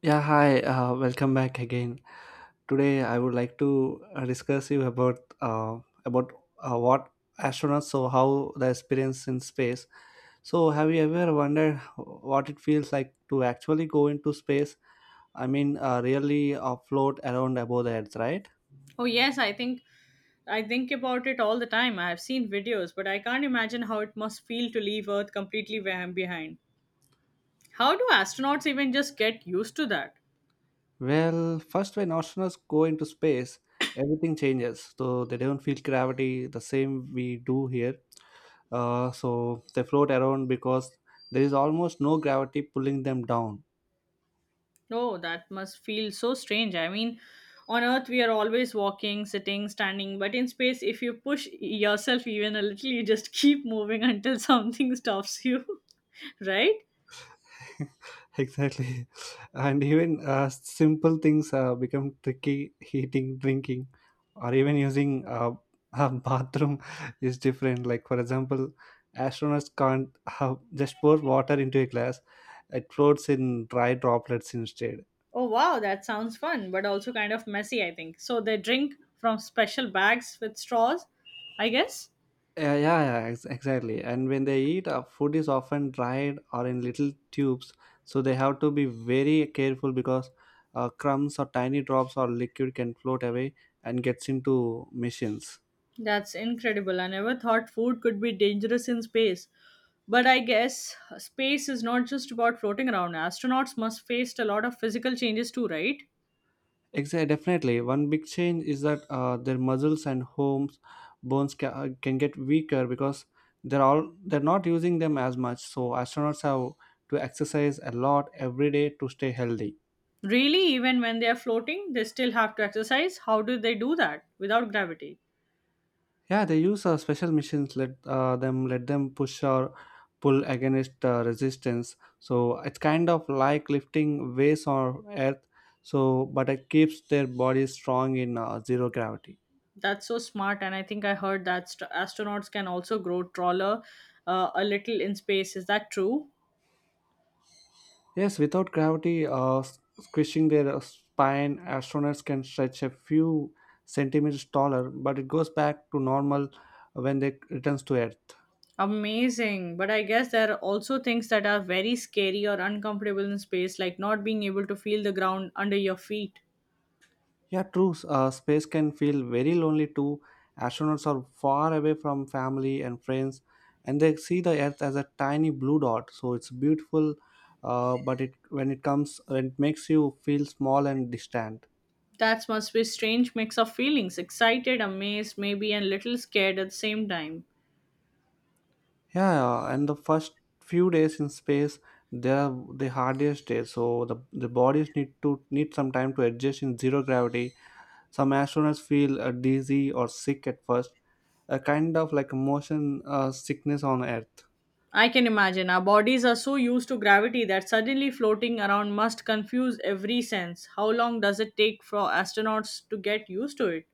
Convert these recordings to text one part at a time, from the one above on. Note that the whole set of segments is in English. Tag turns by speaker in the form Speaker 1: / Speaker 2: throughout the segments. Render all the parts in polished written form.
Speaker 1: Yeah, hi. Welcome back again. Today, I would like to discuss you about about what astronauts so how the experience in space. So, have you ever wondered what it feels like to actually go into space? I mean, really float around above the Earth, right?
Speaker 2: Oh yes, I think about it all the time. I have seen videos, but I can't imagine how it must feel to leave Earth completely behind. How do astronauts even just get used to that?
Speaker 1: Well, first, when astronauts go into space, everything changes. So they don't feel gravity the same we do here. So they float around because there is almost no gravity pulling them down.
Speaker 2: Oh, that must feel so strange. I mean, on Earth we are always walking, sitting, standing, but in space if you push yourself even a little, you just keep moving until something stops you, right?
Speaker 1: Exactly. And even simple things become tricky. Eating, drinking, or even using a bathroom is different. Like, for example, astronauts can't just pour water into a glass, it floats in dry droplets instead.
Speaker 2: Oh wow, that sounds fun, but also kind of messy, I think. So they drink from special bags with straws, I guess.
Speaker 1: Yeah, yeah, yeah, exactly. And when they eat, food is often dried or in little tubes, so they have to be very careful because crumbs or tiny drops or liquid can float away and gets into machines.
Speaker 2: That's incredible. I never thought food could be dangerous in space. But I guess space is not just about floating around. Astronauts must face a lot of physical changes too, right?
Speaker 1: Exactly, definitely. One big change is that their muscles and homes bones can get weaker because they're not using them as much. So astronauts have to exercise a lot every day to stay healthy.
Speaker 2: Really, even when they are floating, they still have to exercise. How do they do that without gravity?
Speaker 1: Yeah, they use special machines let them push or pull against resistance. So it's kind of like lifting weights on Earth. So, but it keeps their bodies strong in zero gravity.
Speaker 2: That's so smart. And I think I heard that astronauts can also grow taller a little in space. Is that true?
Speaker 1: Yes, without gravity squishing their spine, astronauts can stretch a few centimeters taller, but it goes back to normal when they returns to Earth.
Speaker 2: Amazing. But I guess there are also things that are very scary or uncomfortable in space, like not being able to feel the ground under your feet.
Speaker 1: Yeah, true. Space can feel very lonely too. Astronauts are far away from family and friends, and they see the Earth as a tiny blue dot. So it's beautiful, but it when it comes, it makes you feel small and distant.
Speaker 2: That must be a strange mix of feelings excited, amazed, maybe, and little scared at the same time.
Speaker 1: Yeah, and the first few days in space, they are the hardest days. So the bodies need some time to adjust in zero gravity. Some astronauts feel dizzy or sick at first, a kind of like motion sickness on Earth.
Speaker 2: I can imagine our bodies are so used to gravity that suddenly floating around must confuse every sense. How long does it take for astronauts to get used to it?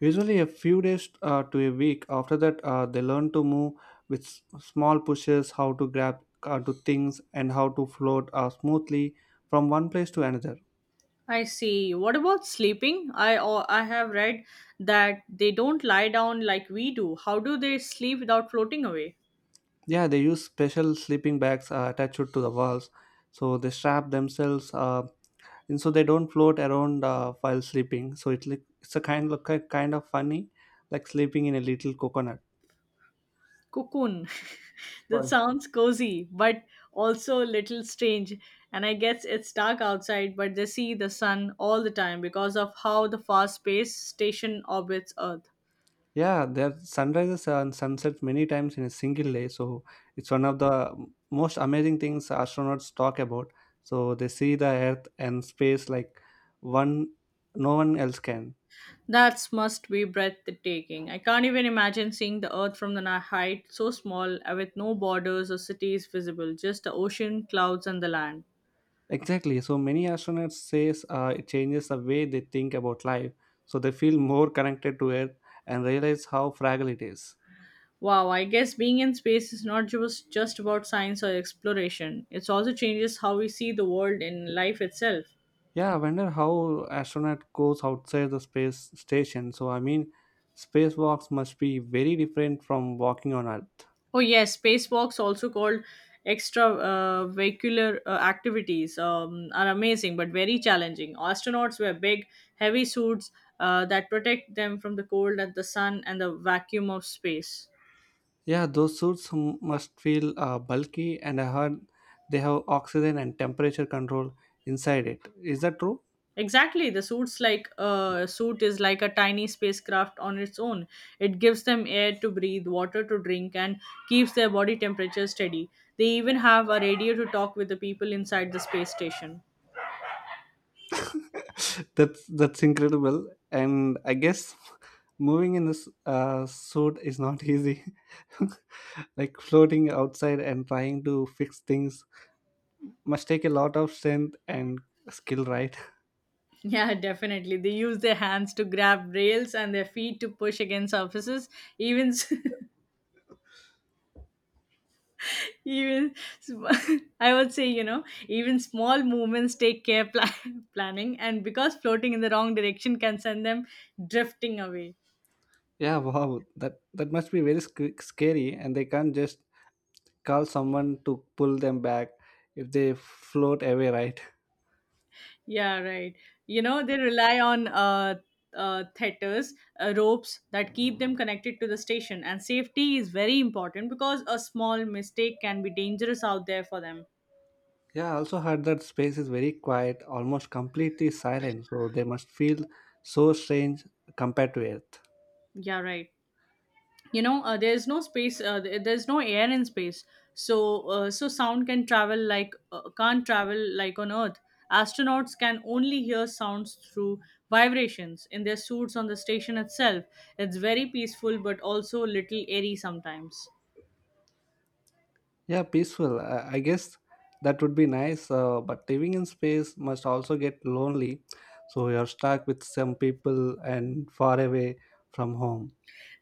Speaker 1: Usually, a few days to a week. After that, they learn to move with small pushes, how to grab onto things, and how to float smoothly from one place to another.
Speaker 2: I see. What about sleeping? I have read that they don't lie down like we do. How do they sleep without floating away?
Speaker 1: Yeah, they use special sleeping bags attached to the walls, so they strap themselves, and so they don't float around while sleeping. So it's a kind of funny, like sleeping in a little coconut.
Speaker 2: Cocoon. That
Speaker 1: Sorry.
Speaker 2: sounds cozy, but also a little strange. And I guess it's dark outside, but they see the sun all the time because of how the fast space station orbits Earth.
Speaker 1: Yeah, there sunrises and sunsets many times in a single day. So it's one of the most amazing things astronauts talk about. So they see the Earth and space like one no one else can.
Speaker 2: That must be breathtaking. I can't even imagine seeing the Earth from the height so small, with no borders or cities visible, just the ocean, clouds, and the land.
Speaker 1: Exactly. So many astronauts says it changes the way they think about life. So they feel more connected to Earth and realize how fragile it is.
Speaker 2: Wow, I guess being in space is not just about science or exploration. It also changes how we see the world and life itself.
Speaker 1: Yeah, I wonder how astronaut goes outside the space station. So I mean, spacewalks must be very different from walking on Earth.
Speaker 2: Oh, yes, spacewalks, also called extravehicular activities, are amazing but very challenging. Astronauts wear big, heavy suits that protect them from the cold and the sun and the vacuum of space.
Speaker 1: Yeah, those suits must feel bulky, and I heard they have oxygen and temperature control inside it. Is that true?
Speaker 2: Exactly, the suit is like a tiny spacecraft on its own. It gives them air to breathe, water to drink, and keeps their body temperature steady. They even have a radio to talk with the people inside the space station.
Speaker 1: That's incredible. And I guess moving in this suit is not easy. Like floating outside and trying to fix things must take a lot of strength and skill, right?
Speaker 2: Yeah, definitely. They use their hands to grab rails and their feet to push against surfaces. Even, s- even, sm- I would say, even small movements take care planning, and because floating in the wrong direction can send them drifting away.
Speaker 1: Yeah, wow, that must be very scary, and they can't just call someone to pull them back if they float away, right?
Speaker 2: Yeah, right. You know, they rely on tethers, ropes that keep them connected to the station, and safety is very important because a small mistake can be dangerous out there for them.
Speaker 1: Yeah, I also heard that space is very quiet, almost completely silent, so they must feel so strange compared to Earth.
Speaker 2: Yeah, right. There's no air in space, so sound can't travel like on Earth. Astronauts can only hear sounds through vibrations in their suits on the station itself. It's very peaceful, but also a little airy sometimes.
Speaker 1: Yeah, peaceful. I guess that would be nice, but living in space must also get lonely, so you're stuck with some people and far away from home.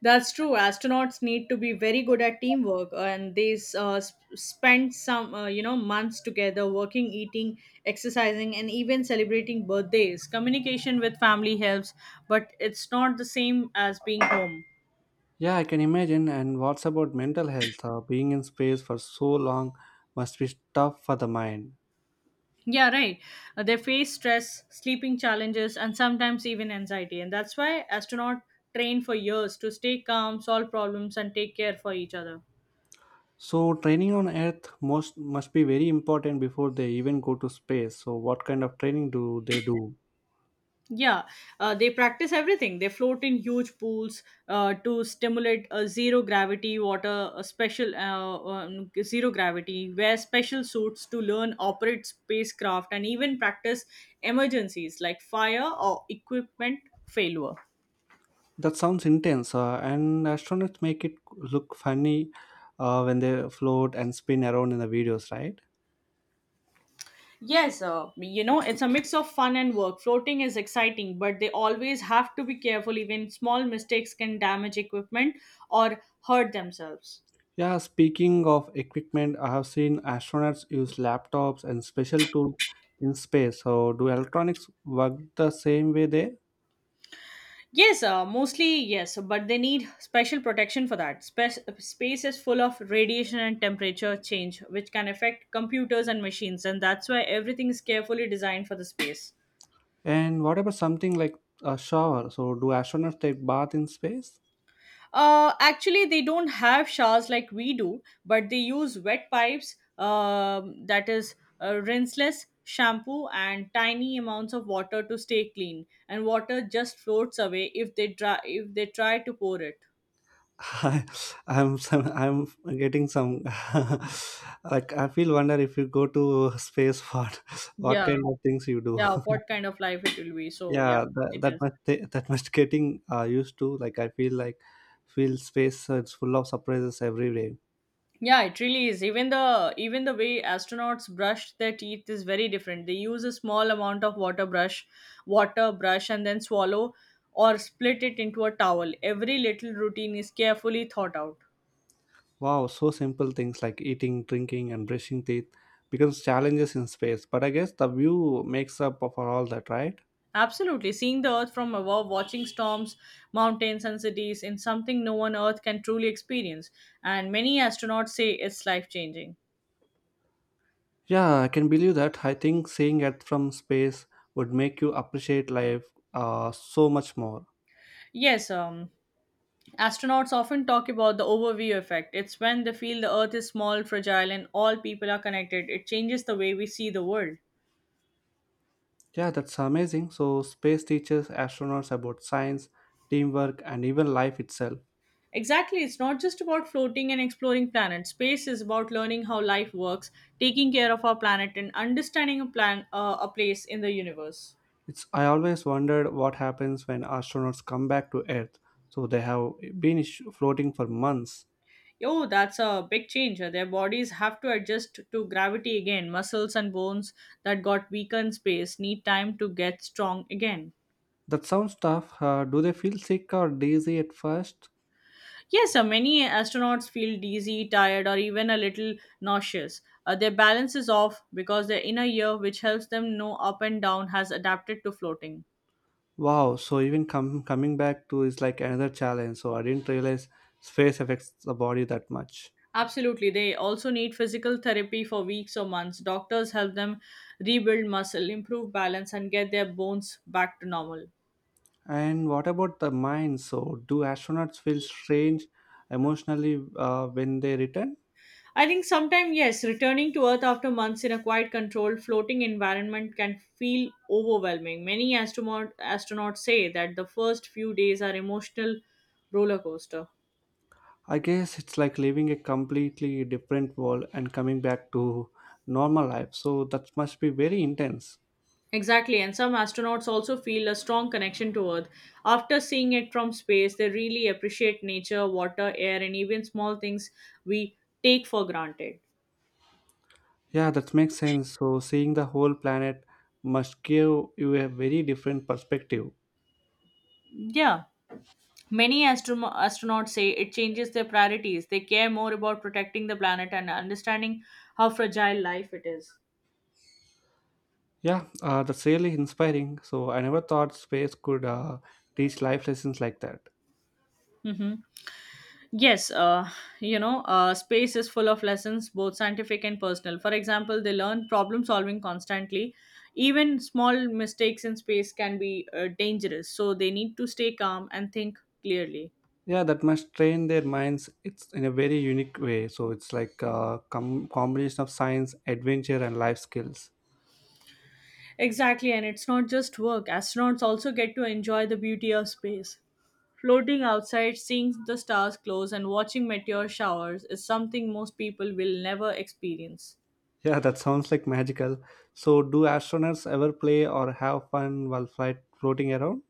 Speaker 2: That's true. Astronauts need to be very good at teamwork, and they spend some, months together working, eating, exercising, and even celebrating birthdays. Communication with family helps, but it's not the same as being home.
Speaker 1: Yeah, I can imagine. And what's about mental health? Being in space for so long must be tough for the mind.
Speaker 2: Yeah, right. They face stress, sleeping challenges, and sometimes even anxiety, and that's why astronauts train for years to stay calm, solve problems, and take care for each other.
Speaker 1: So training on Earth most must be very important before they even go to space. So what kind of training do they do?
Speaker 2: Yeah, they practice everything. They float in huge pools to stimulate zero gravity water, a special zero gravity, wear special suits to learn operate spacecraft, and even practice emergencies like fire or equipment failure.
Speaker 1: That sounds intense, and astronauts make it look funny when they float and spin around in the videos, right?
Speaker 2: Yes, it's a mix of fun and work. Floating is exciting, but they always have to be careful. Even small mistakes can damage equipment or hurt themselves.
Speaker 1: Yeah, speaking of equipment, I have seen astronauts use laptops and special tools in space. So, do electronics work the same way there?
Speaker 2: Yes, mostly yes, but they need special protection for that. Space is full of radiation and temperature change, which can affect computers and machines, and that's why everything is carefully designed for the space.
Speaker 1: And what about something like a shower? So, do astronauts take bath in space?
Speaker 2: Actually, they don't have showers like we do, but they use wet pipes, that is, rinseless shampoo, and tiny amounts of water to stay clean. And water just floats away if if they try to pour it.
Speaker 1: I, I'm I'm getting some like I feel wonder if you go to space what
Speaker 2: Yeah.
Speaker 1: kind of things you do.
Speaker 2: Yeah, what kind of life it will be, so yeah,
Speaker 1: Yeah, that,
Speaker 2: it
Speaker 1: that
Speaker 2: is.
Speaker 1: must ta- that must getting used to. Like I feel space, it's full of surprises every day.
Speaker 2: Yeah, it really is. Even the way astronauts brush their teeth is very different. They use a small amount of water brush and then swallow or split it into a towel. Every little routine is carefully thought out.
Speaker 1: Wow, so simple things like eating, drinking, and brushing teeth becomes challenges in space. But I guess the view makes up for all that, right?
Speaker 2: Absolutely, seeing the earth from above, watching storms, mountains and cities, in something no one earth can truly experience, and many astronauts say it's life changing.
Speaker 1: Yeah, I can believe that. I think seeing it from space would make you appreciate life so much more.
Speaker 2: Yes, astronauts often talk about the overview effect. It's when they feel the Earth is small, fragile, and all people are connected. It changes the way we see the world.
Speaker 1: Yeah, that's amazing. So, space teaches astronauts about science, teamwork, and even life itself.
Speaker 2: Exactly, it's not just about floating and exploring planets. Space is about learning how life works, taking care of our planet, and understanding a place in the universe.
Speaker 1: It's I always wondered what happens when astronauts come back to Earth. So they have been floating for months.
Speaker 2: Yo, that's a big change. Their bodies have to adjust to gravity again. Muscles and bones that got weaker in space need time to get strong again.
Speaker 1: That sounds tough. Do they feel sick or dizzy at first?
Speaker 2: Yes, many astronauts feel dizzy, tired, or even a little nauseous. Their balance is off because their inner ear, which helps them know up and down, has adapted to floating.
Speaker 1: Wow. So even coming back to is like another challenge. So I didn't realize space affects the body that much.
Speaker 2: Absolutely, they also need physical therapy for weeks or months. Doctors help them rebuild muscle, improve balance, and get their bones back to normal.
Speaker 1: And what about the mind? So, do astronauts feel strange emotionally when they return?
Speaker 2: I think sometime, yes, returning to Earth after months in a quiet, controlled, floating environment can feel overwhelming. Astronauts say that the first few days are emotional roller coaster.
Speaker 1: I guess it's like living a completely different world and coming back to normal life. So, that must be very intense.
Speaker 2: Exactly, and some astronauts also feel a strong connection to Earth. After seeing it from space, they really appreciate nature, water, air, and even small things we take for granted.
Speaker 1: Yeah, that makes sense. So, seeing the whole planet must give you a very different perspective.
Speaker 2: Yeah. Astronauts say it changes their priorities. They care more about protecting the planet and understanding how fragile life it is.
Speaker 1: Yeah, that's really inspiring. So, I never thought space could teach life lessons like that.
Speaker 2: Mm-hmm. Yes, space is full of lessons, both scientific and personal. For example, they learn problem solving constantly. Even small mistakes in space can be dangerous, so they need to stay calm and think clearly.
Speaker 1: Yeah, that must train their minds. It's in a very unique way, so it's like a combination of science, adventure, and life skills.
Speaker 2: Exactly, and it's not just work. Astronauts also get to enjoy the beauty of space. Floating outside, seeing the stars close, and watching meteor showers is something most people will never experience.
Speaker 1: Yeah, that sounds like magical. So do astronauts ever play or have fun while flight floating around?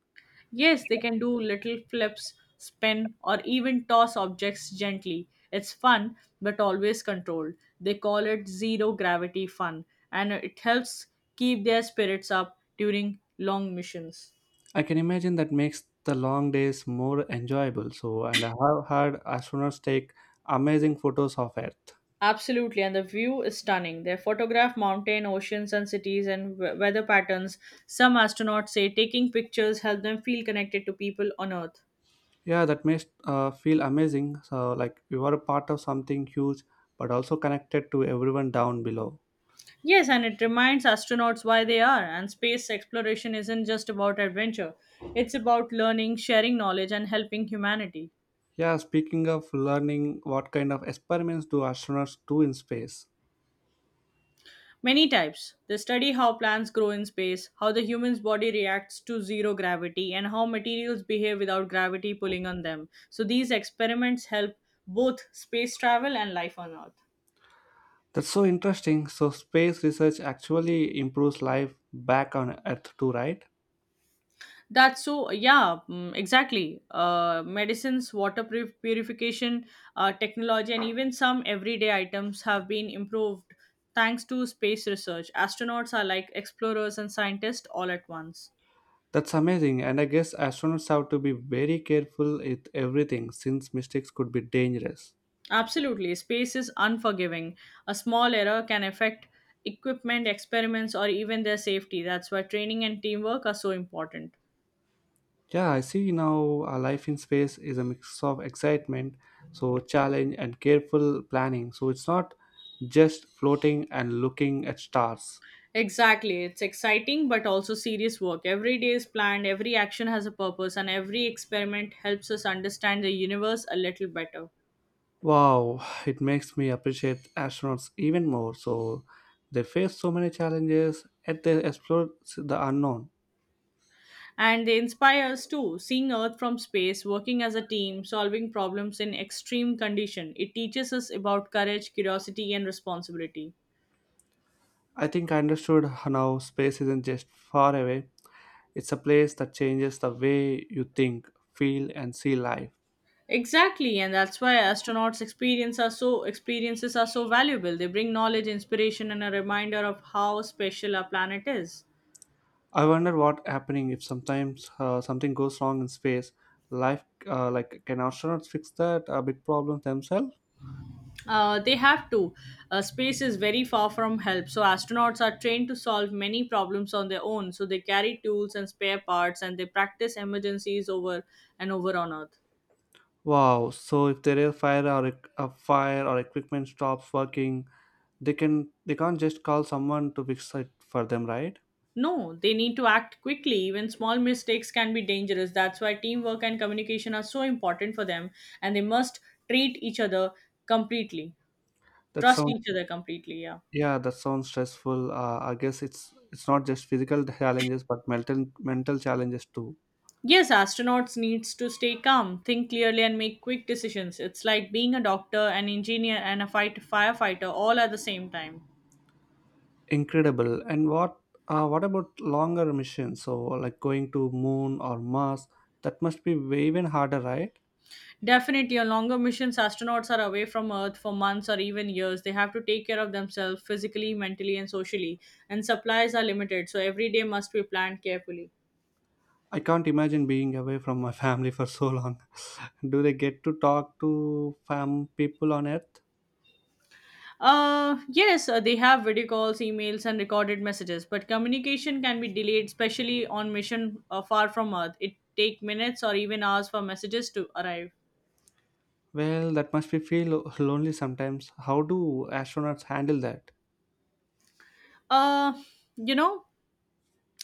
Speaker 2: Yes, they can do little flips, spin, or even toss objects gently. It's fun, but always controlled. They call it zero gravity fun, and it helps keep their spirits up during long missions.
Speaker 1: I can imagine that makes the long days more enjoyable. And I have heard astronauts take amazing photos of Earth.
Speaker 2: Absolutely, and the view is stunning. They photograph mountain, oceans, and cities and weather patterns. Some astronauts say taking pictures help them feel connected to people on Earth.
Speaker 1: Yeah, that makes feel amazing, so like you are a part of something huge, but also connected to everyone down below.
Speaker 2: Yes, and it reminds astronauts why they are. And space exploration isn't just about adventure, it's about learning, sharing knowledge, and helping humanity.
Speaker 1: Yeah, speaking of learning, what kind of experiments do astronauts do in space?
Speaker 2: Many types. They study how plants grow in space, how the human's body reacts to zero gravity, and how materials behave without gravity pulling on them. So these experiments help both space travel and life on Earth.
Speaker 1: That's so interesting. So, space research actually improves life back on Earth, too, right?
Speaker 2: That's so, yeah, mm, exactly. Medicines, water purification, technology, and even some everyday items have been improved thanks to space research. Astronauts are like explorers and scientists all at once.
Speaker 1: That's amazing. And I guess astronauts have to be very careful with everything since mistakes could be dangerous.
Speaker 2: Absolutely. Space is unforgiving. A small error can affect equipment, experiments, or even their safety. That's why training and teamwork are so important.
Speaker 1: Yeah, I see now life in space is a mix of excitement, so challenge, and careful planning. So, it's not just floating and looking at stars.
Speaker 2: Exactly. It's exciting but also serious work. Every day is planned, every action has a purpose, and every experiment helps us understand the universe a little better.
Speaker 1: Wow, it makes me appreciate astronauts even more. So they face so many challenges yet they explore the unknown.
Speaker 2: And they inspire us too. Seeing Earth from space, working as a team, solving problems in extreme condition. It teaches us about courage, curiosity, and responsibility.
Speaker 1: I think I understood now space isn't just far away, it's a place that changes the way you think, feel, and see life.
Speaker 2: Exactly, and that's why astronauts' experiences are so valuable. They bring knowledge, inspiration, and a reminder of how special our planet is.
Speaker 1: I wonder what happening if sometimes something goes wrong in space. Life Like, can astronauts fix that big problem themselves?
Speaker 2: They have to. Space is very far from help, so astronauts are trained to solve many problems on their own. So they carry tools and spare parts, and they practice emergencies over and over on Earth.
Speaker 1: Wow! So if their air fire or ec- a fire or equipment stops working, they can't just call someone to fix it for them, right?
Speaker 2: No, they need to act quickly. Even small mistakes can be dangerous. That's why teamwork and communication are so important for them, and they must treat each other completely.
Speaker 1: That
Speaker 2: Trust
Speaker 1: sounds
Speaker 2: each other completely. Yeah.
Speaker 1: Yeah, that sounds stressful. I guess it's not just physical challenges, but mental challenges too.
Speaker 2: Yes, astronauts needs to stay calm, think clearly, and make quick decisions. It's like being a doctor, an engineer, and a fight firefighter all at the same time.
Speaker 1: Incredible. And what about longer missions? So like going to Moon or Mars, that must be way even harder, right?
Speaker 2: Definitely, on longer missions astronauts are away from Earth for months or even years. They have to take care of themselves physically, mentally, and socially, and supplies are limited, so every day must be planned carefully.
Speaker 1: I can't imagine being away from my family for so long. Do they get to talk to fam people on Earth?
Speaker 2: Yes, they have video calls, emails, and recorded messages, but communication can be delayed, especially on mission far from Earth. It take minutes or even hours for messages to arrive.
Speaker 1: Well, that must be feel lonely sometimes. How do astronauts handle that?
Speaker 2: Uh, you know,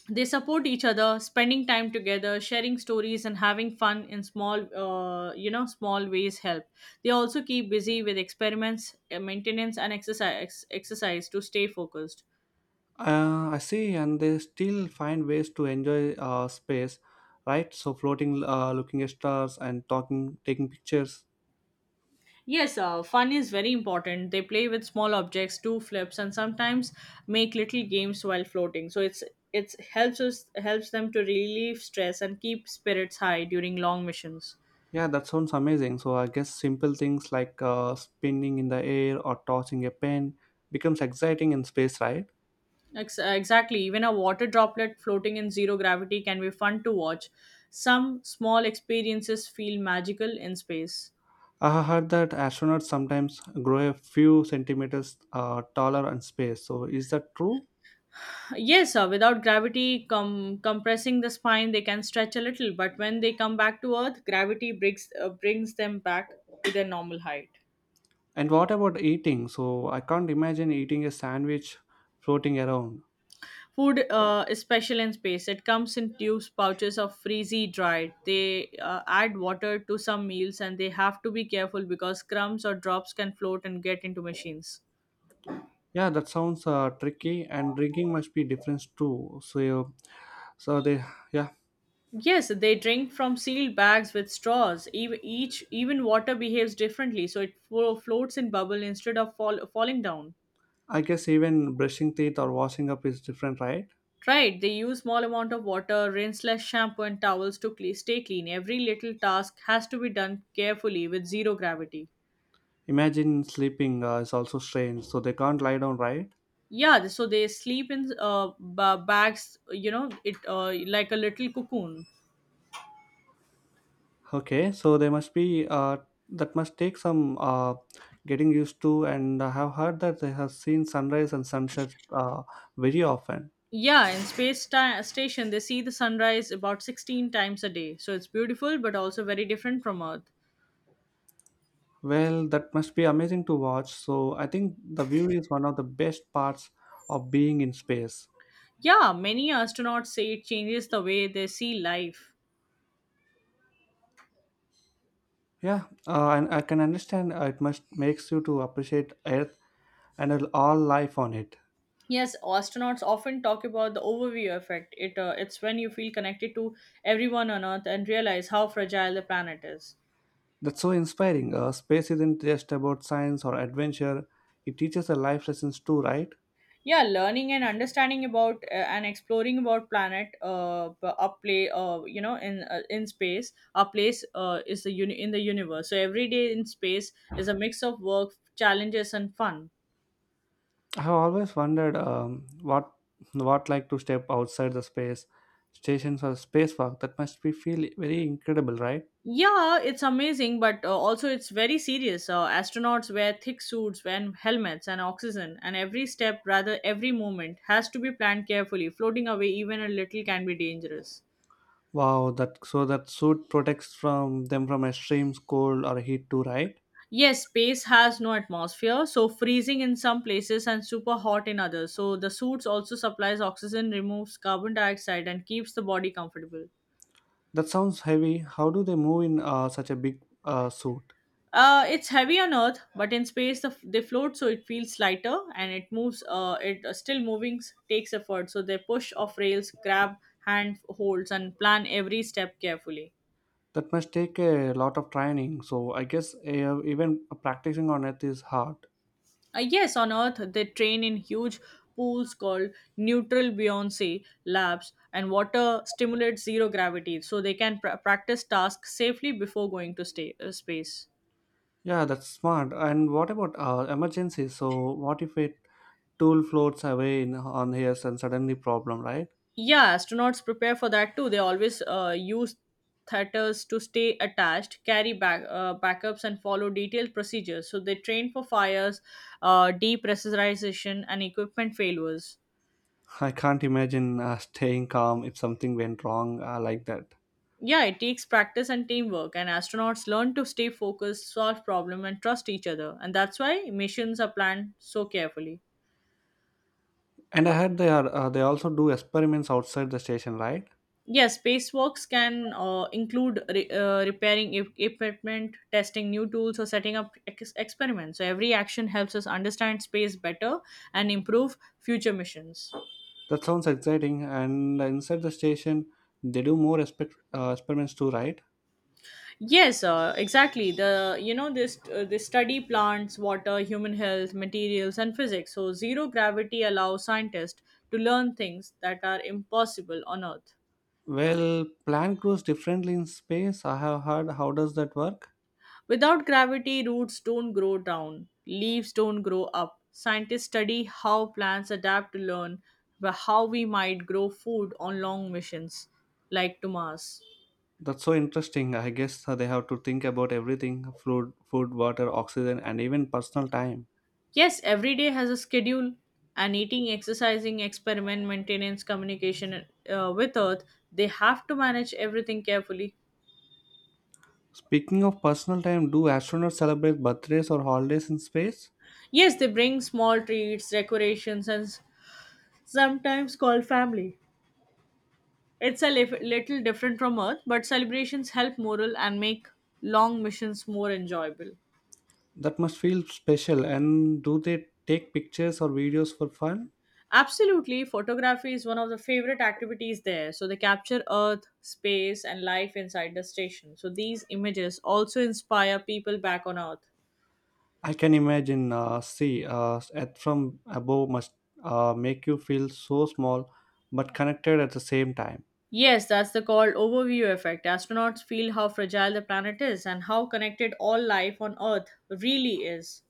Speaker 2: they support each other, spending time together, sharing stories, and having fun in small, small ways help. They also keep busy with experiments, maintenance, and exercise to stay focused.
Speaker 1: I see, and they still find ways to enjoy space, right? So floating, looking at stars, and talking, taking pictures.
Speaker 2: Yes, fun is very important. They play with small objects, do flips, and sometimes make little games while floating. So it's helps them to relieve stress and keep spirits high during long missions.
Speaker 1: Yeah, that sounds amazing. So I guess simple things like spinning in the air or tossing a pen becomes exciting in space, right?
Speaker 2: Exactly. Even a water droplet floating in zero gravity can be fun to watch. Some small experiences feel magical in space.
Speaker 1: I heard that astronauts sometimes grow a few centimeters taller in space. So is that true?
Speaker 2: Yes, sir. Without gravity compressing the spine, they can stretch a little, but when they come back to Earth, gravity brings them back to their normal height.
Speaker 1: And what about eating? So I can't imagine eating a sandwich floating around.
Speaker 2: Food is special in space. It comes in tubes, pouches of freezy dried. They add water to some meals, and they have to be careful because crumbs or drops can float and get into machines.
Speaker 1: Yeah, that sounds tricky, and drinking must be different too. So, they, yeah,
Speaker 2: Yes, they drink from sealed bags with straws. Even water behaves differently, so it floats in bubble instead of falling down.
Speaker 1: I guess even brushing teeth or washing up is different, right?
Speaker 2: Right, they use small amount of water, rinse less shampoo and towels to cle stay clean. Every little task has to be done carefully with zero gravity.
Speaker 1: Imagine sleeping is also strange, so they can't lie down, right?
Speaker 2: Yeah, so they sleep in bags, you know, it like a little cocoon.
Speaker 1: Okay, so they must be that must take some getting used to, and I have heard that they have seen sunrise and sunsets very often.
Speaker 2: Yeah, in space station they see the sunrise about 16 times a day. So it's beautiful but also very different from Earth.
Speaker 1: Well, that must be amazing to watch. So I think the view is one of the best parts of being in space.
Speaker 2: Yeah, many astronauts say it changes the way they see life.
Speaker 1: Yeah, and I can understand it must makes you to appreciate Earth and all life on it.
Speaker 2: Yes, astronauts often talk about the overview effect. It's when you feel connected to everyone on Earth and realize how fragile the planet is.
Speaker 1: That's so inspiring. Space isn't just about science or adventure; it teaches the life lessons too, right?
Speaker 2: Yeah, learning and understanding about and exploring about planet p- a play you know in space a place in the universe. So every day in space is a mix of work, challenges, and fun.
Speaker 1: I have always wondered what like to step outside the space stations or spacewalk. That must be feel very incredible, right?
Speaker 2: Yeah, it's amazing, but also it's very serious. Astronauts wear thick suits and helmets and oxygen, and every step, rather every movement, has to be planned carefully. Floating away even a little can be dangerous.
Speaker 1: Wow, that so that suit protects from them from extreme cold or heat too, right?
Speaker 2: Yes, space has no atmosphere, so freezing in some places and super hot in others. So the suits also supplies oxygen, removes carbon dioxide, and keeps the body comfortable.
Speaker 1: That sounds heavy. How do they move in such a big suit?
Speaker 2: It's heavy on Earth, but in space they float, so it feels lighter and it moves. It Still moving takes effort, so they push off rails, grab hand holds, and plan every step carefully.
Speaker 1: That must take a lot of training. So I guess even practicing on it is hard.
Speaker 2: Yes, on Earth they train in huge pools called neutral buoyancy labs, and water stimulates zero gravity, so they can practice tasks safely before going to stay, space.
Speaker 1: Yeah, that's smart. And what about emergencies? So what if a tool floats away in, on here and suddenly problem, right?
Speaker 2: Yeah, astronauts prepare for that too. They always use theters to stay attached, carry back backups, and follow detailed procedures. So they train for fires, depressurization, and equipment failures.
Speaker 1: I can't imagine staying calm if something went wrong like that.
Speaker 2: Yeah, it takes practice and teamwork, and astronauts learn to stay focused, solve problems, and trust each other. And that's why missions are planned so carefully.
Speaker 1: And I heard they also do experiments outside the station, right?
Speaker 2: Yes, spacewalks can include repairing equipment, testing new tools, or setting up experiments. So, every action helps us understand space better and improve future missions.
Speaker 1: That sounds exciting. And inside the station, they do more experiments too, right?
Speaker 2: Yes, exactly. The you know this this study plants, water, human health, materials, and physics. So, zero gravity allows scientists to learn things that are impossible on Earth.
Speaker 1: Well, plan crews differently in space. I have heard. How does that work?
Speaker 2: Without gravity, roots don't grow down, leaves don't grow up. Scientists study how plants adapt to learn how we might grow food on long missions, like to Mars.
Speaker 1: That's so interesting. I guess they have to think about everything: food, water, oxygen, and even personal time.
Speaker 2: Yes, every day has a schedule, and eating, exercising, experiment, maintenance, communication with Earth, they have to manage everything carefully.
Speaker 1: Speaking of personal time, do astronauts celebrate birthdays or holidays in space?
Speaker 2: Yes, they bring small treats, decorations, and sometimes call family. It's a little different from Earth, but celebrations help morale and make long missions more enjoyable.
Speaker 1: That must feel special. And do they take pictures or videos for fun?
Speaker 2: Absolutely, photography is one of the favorite activities there. So they capture Earth, space, and life inside the station. So these images also inspire people back on Earth.
Speaker 1: I can imagine. See, at from above must make you feel so small, but connected at the same time.
Speaker 2: Yes, that's the called overview effect. Astronauts feel how fragile the planet is and how connected all life on Earth really is.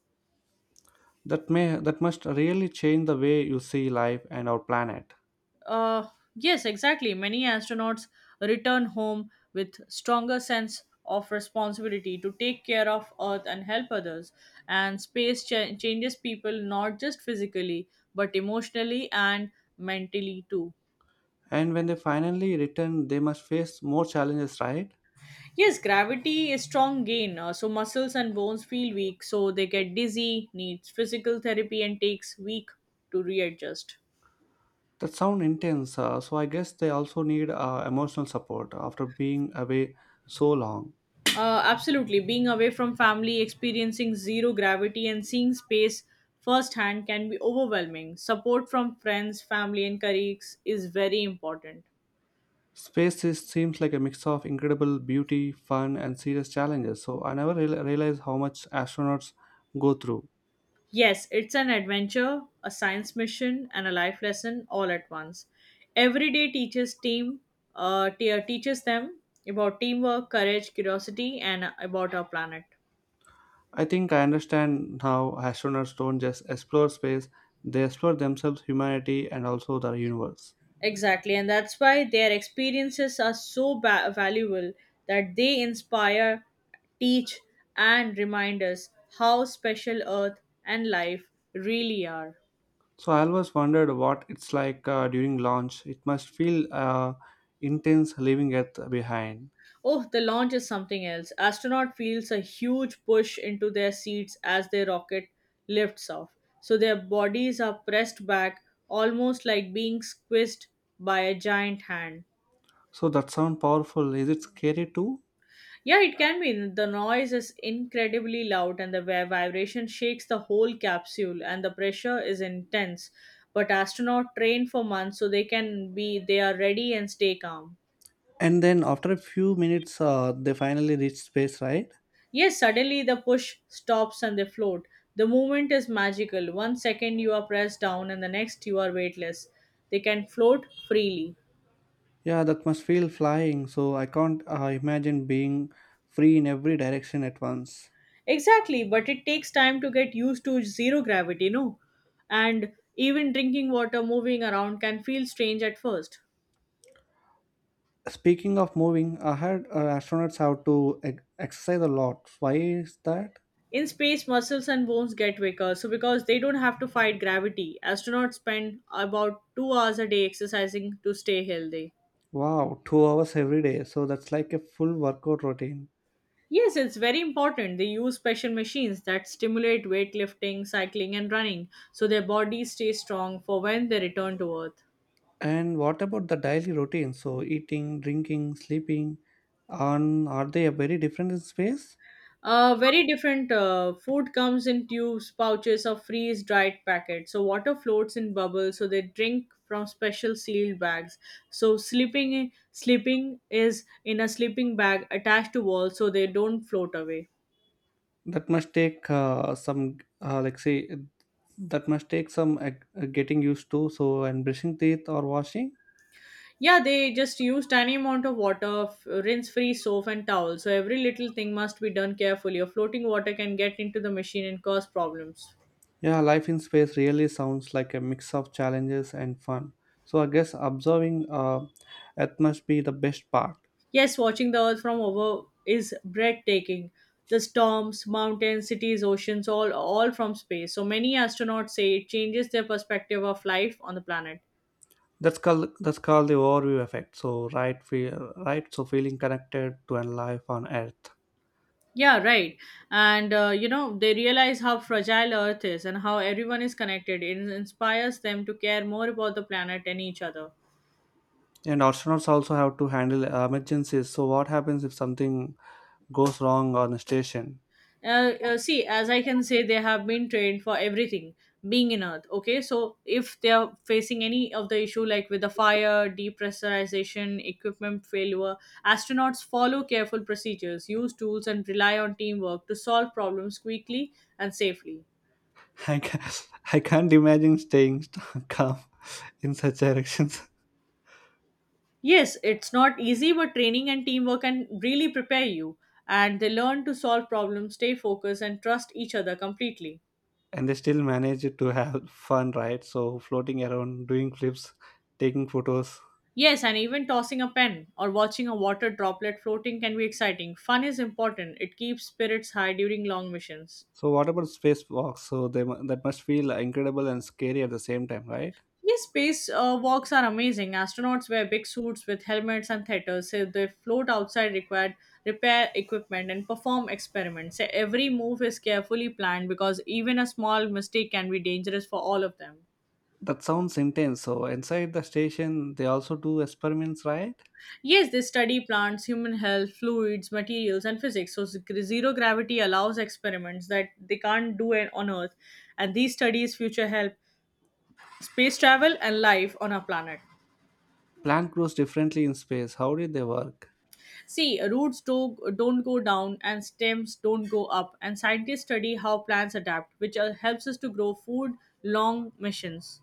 Speaker 1: That may that must really change the way you see life and our planet.
Speaker 2: Uh, yes, exactly. Many astronauts return home with stronger sense of responsibility to take care of Earth and help others. And space changes people not just physically but emotionally and mentally too.
Speaker 1: And when they finally return, they must face more challenges, right?
Speaker 2: Yes, gravity is strong gain. So muscles and bones feel weak, so they get dizzy, needs physical therapy, and takes week to readjust.
Speaker 1: That sound intense. So I guess they also need emotional support after being away so long.
Speaker 2: Absolutely. Being away from family, experiencing zero gravity, and seeing space firsthand can be overwhelming. Support from friends, family, and colleagues is very important.
Speaker 1: Space is, seems like a mix of incredible beauty, fun, and serious challenges. So I never realized how much astronauts go through.
Speaker 2: Yes, it's an adventure, a science mission, and a life lesson all at once. Every day teaches them about teamwork, courage, curiosity, and about our planet.
Speaker 1: I think I understand how astronauts don't just explore space, they explore themselves, humanity, and also the universe.
Speaker 2: Exactly, and that's why their experiences are so valuable that they inspire, teach, and remind us how special Earth and life really are.
Speaker 1: So I always wondered what it's like during launch. It must feel intense leaving Earth behind.
Speaker 2: Oh, the launch is something else. Astronaut feels a huge push into their seats as their rocket lifts off. So their bodies are pressed back almost like being squeezed by a giant hand.
Speaker 1: So that sounds powerful. Is it scary too?
Speaker 2: Yeah, it can be. The noise is incredibly loud, and the vibration shakes the whole capsule, and the pressure is intense. But astronauts train for months, so they can be they are ready and stay calm.
Speaker 1: And then after a few minutes, they finally reach space, right?
Speaker 2: Yes, suddenly the push stops and they float. The movement is magical. One second you are pressed down, and the next you are weightless. They can float freely.
Speaker 1: Yeah, that must feel flying. So I can't imagine being free in every direction at once.
Speaker 2: Exactly, but it takes time to get used to zero gravity, no? And even drinking water moving around can feel strange at first.
Speaker 1: Speaking of moving, I heard astronauts have to exercise a lot. Why is that?
Speaker 2: In space, muscles and bones get weaker, so because they don't have to fight gravity, astronauts spend about 2 hours a day exercising to stay healthy.
Speaker 1: Wow, 2 hours every day. So that's like a full workout routine.
Speaker 2: Yes, it's very important. They use special machines that stimulate weightlifting, cycling, and running so their bodies stay strong for when they return to Earth.
Speaker 1: And what about the daily routine? So eating, drinking, sleeping, and are they very different in space?
Speaker 2: Very different. Food comes in tubes, pouches, or freeze dried packets. So water floats in bubbles. So they drink from special sealed bags. So sleeping is in a sleeping bag attached to walls, so they don't float away.
Speaker 1: That must take that must take some getting used to. So and brushing teeth or washing.
Speaker 2: Yeah, they just use tiny amount of water, rinse-free soap and towel. So every little thing must be done carefully, or floating water can get into the machine and cause problems.
Speaker 1: Yeah, life in space really sounds like a mix of challenges and fun. So I guess observing Earth must be the best part.
Speaker 2: Yes, watching the Earth from above is breathtaking. The storms, mountains, cities, oceans, all from space. So many astronauts say it changes their perspective of life on the planet.
Speaker 1: That's called the overview effect. So right, feel, right. So feeling connected to a life on Earth.
Speaker 2: Yeah, right. And they realize how fragile Earth is and how everyone is connected. It inspires them to care more about the planet and each other.
Speaker 1: And astronauts also have to handle emergencies. So what happens if something goes wrong on a station.
Speaker 2: See, as I can say, they have been trained for everything being in Earth. Okay, so if they are facing any of the issue like with the fire, depressurization, equipment failure, astronauts follow careful procedures, use tools, and rely on teamwork to solve problems quickly and safely.
Speaker 1: I can't, I can't imagine staying calm in such directions.
Speaker 2: Yes, it's not easy, but training and teamwork can really prepare you. And they learn to solve problems, stay focused, and trust each other completely.
Speaker 1: And they still manage to have fun, right? So floating around, doing flips, taking photos.
Speaker 2: Yes, and even tossing a pen or watching a water droplet floating can be exciting. Fun is important, it keeps spirits high during long missions.
Speaker 1: So what about spacewalks? So they that must feel incredible and scary at the same time, right?
Speaker 2: Yes, space walks are amazing. Astronauts wear big suits with helmets and theaters, so they float outside required repair equipment and perform experiments. So every move is carefully planned because even a small mistake can be dangerous for all of them.
Speaker 1: That sounds intense. So inside the station, they also do experiments, right?
Speaker 2: Yes, they study plants, human health, fluids, materials, and physics. So zero gravity allows experiments that they can't do it on Earth, and these studies future help space travel and life on our planet.
Speaker 1: Plant grows differently in space. How did they work?
Speaker 2: See, roots don't go down and stems don't go up, and scientists study how plants adapt, which helps us to grow food long missions.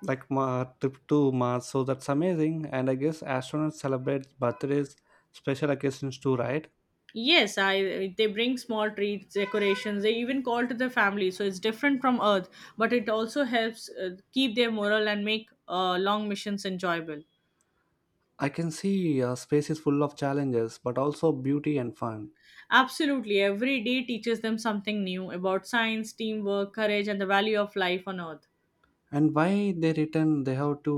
Speaker 1: Like Mar trip to Mars. So that's amazing. And I guess astronauts celebrate birthdays, special occasions too, right?
Speaker 2: Yes, they bring small treats, decorations. They even call to the family, so it's different from Earth, but it also helps keep their morale and make long missions enjoyable.
Speaker 1: I can see space is full of challenges, but also beauty and fun.
Speaker 2: Absolutely, every day teaches them something new about science, teamwork, courage, and the value of life on Earth.
Speaker 1: And why they return they have to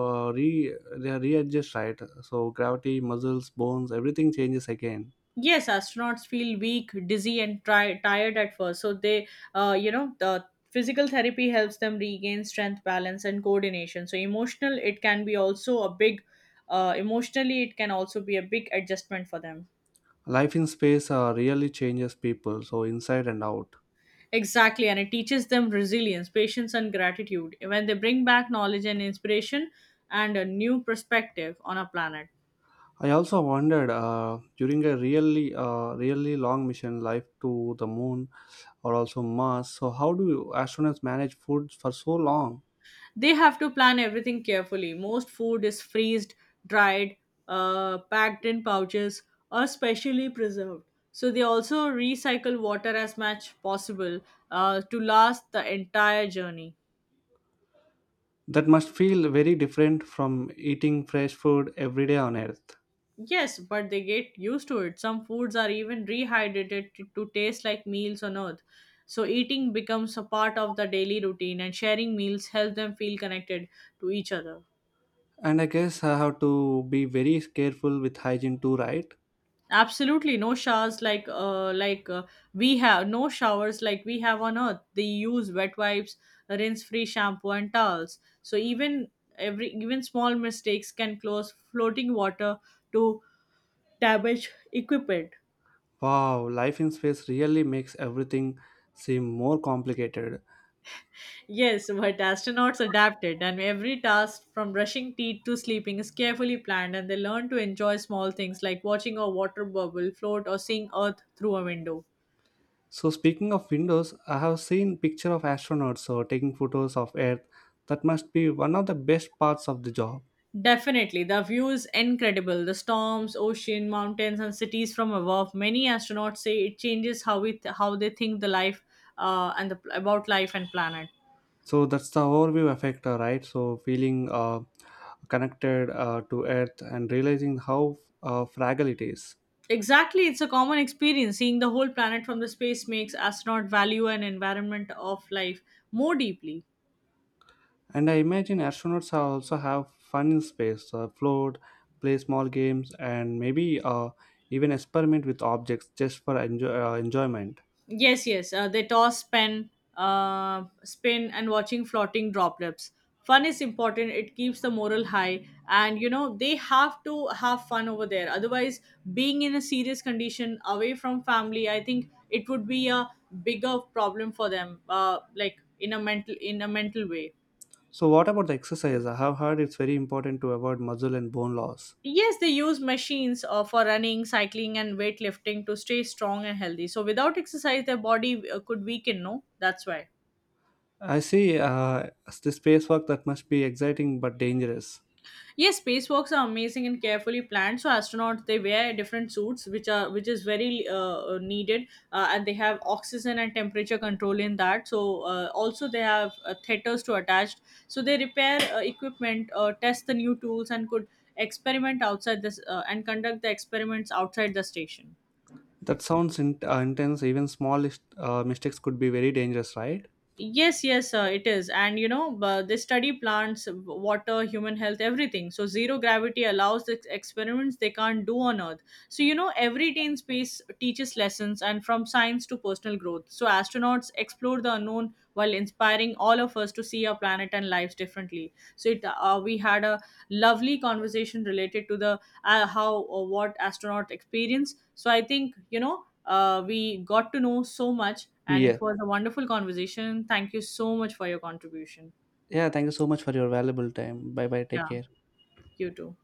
Speaker 1: re they are readjust, right? So gravity, muscles, bones, everything changes again.
Speaker 2: Yes, astronauts feel weak, dizzy, and tired at first. So they, the physical therapy helps them regain strength, balance, and coordination. So emotional, it can be also a big, emotionally, it can also be a big adjustment for them.
Speaker 1: Life in space really changes people, so inside and out.
Speaker 2: Exactly, and it teaches them resilience, patience, and gratitude. When they bring back knowledge and inspiration and a new perspective on a planet.
Speaker 1: I also wondered during a really long mission life to the moon or also Mars. So how do astronauts manage food for so long?
Speaker 2: They have to plan everything carefully. Most food is freezed, dried, packed in pouches, or specially preserved. So they also recycle water as much possible to last the entire journey.
Speaker 1: That must feel very different from eating fresh food every day on Earth.
Speaker 2: Yes, but they get used to it. Some foods are even rehydrated to taste like meals on earth. So eating becomes a part of the daily routine, and sharing meals help them feel connected to each other.
Speaker 1: And I guess I have to be very careful with hygiene too, right?
Speaker 2: Absolutely, no showers like we have no showers like we have on earth. They use wet wipes, rinse free shampoo, and towels. So even small mistakes can cause floating water to damage equipment.
Speaker 1: Wow, life in space really makes everything seem more complicated.
Speaker 2: Yes, but astronauts adapted, and every task from brushing teeth to sleeping is carefully planned, and they learn to enjoy small things like watching a water bubble float or seeing earth through a window.
Speaker 1: So speaking of windows, I have seen picture of astronauts so taking photos of Earth. That must be one of the best parts of the job.
Speaker 2: Definitely. The view is incredible. The storms, ocean, mountains, and cities from above. Many astronauts say it changes how they think the life about life and planet.
Speaker 1: So that's the overview effect, right? So feeling connected to Earth and realizing how fragile it is.
Speaker 2: Exactly, it's a common experience. Seeing the whole planet from the space makes astronaut value and environment of life more deeply.
Speaker 1: And I imagine astronauts are also have fun in space, float, play small games, and maybe even experiment with objects just for enjoyment.
Speaker 2: Yes, yes. They toss, pen, spin, and watching floating droplets. Fun is important. It keeps the moral high, and you know they have to have fun over there. Otherwise, being in a serious condition away from family, I think it would be a bigger problem for them. Like in a mental way.
Speaker 1: So, what about the exercise? I have heard it's very important to avoid muscle and bone loss.
Speaker 2: Yes, they use machines for running, cycling, and weightlifting to stay strong and healthy. So without exercise, their body could weaken. No, that's why.
Speaker 1: I see the space work that must be exciting but dangerous.
Speaker 2: Yes, spacewalks are amazing and carefully planned. So astronauts they wear different suits, which is very needed, and they have oxygen and temperature control in that. So also they have theters to attach. So they repair equipment, test the new tools, and could experiment outside this and conduct the experiments outside the station.
Speaker 1: That sounds intense. Even small mistakes could be very dangerous, right?
Speaker 2: Yes, yes, it is. And you know, they study plants, water, human health, everything. So, zero gravity allows the experiments they can't do on Earth. So, you know, every day in space teaches lessons and from science to personal growth. So, astronauts explore the unknown while inspiring all of us to see our planet and lives differently. So, we had a lovely conversation related to the how or what astronaut experience. So I think we got to know so much, and
Speaker 1: Yes.
Speaker 2: it was a wonderful conversation. Thank you so much for your contribution.
Speaker 1: Yeah, thank you so much for your valuable time. Bye bye. Take
Speaker 2: Yeah,
Speaker 1: care.
Speaker 2: you too.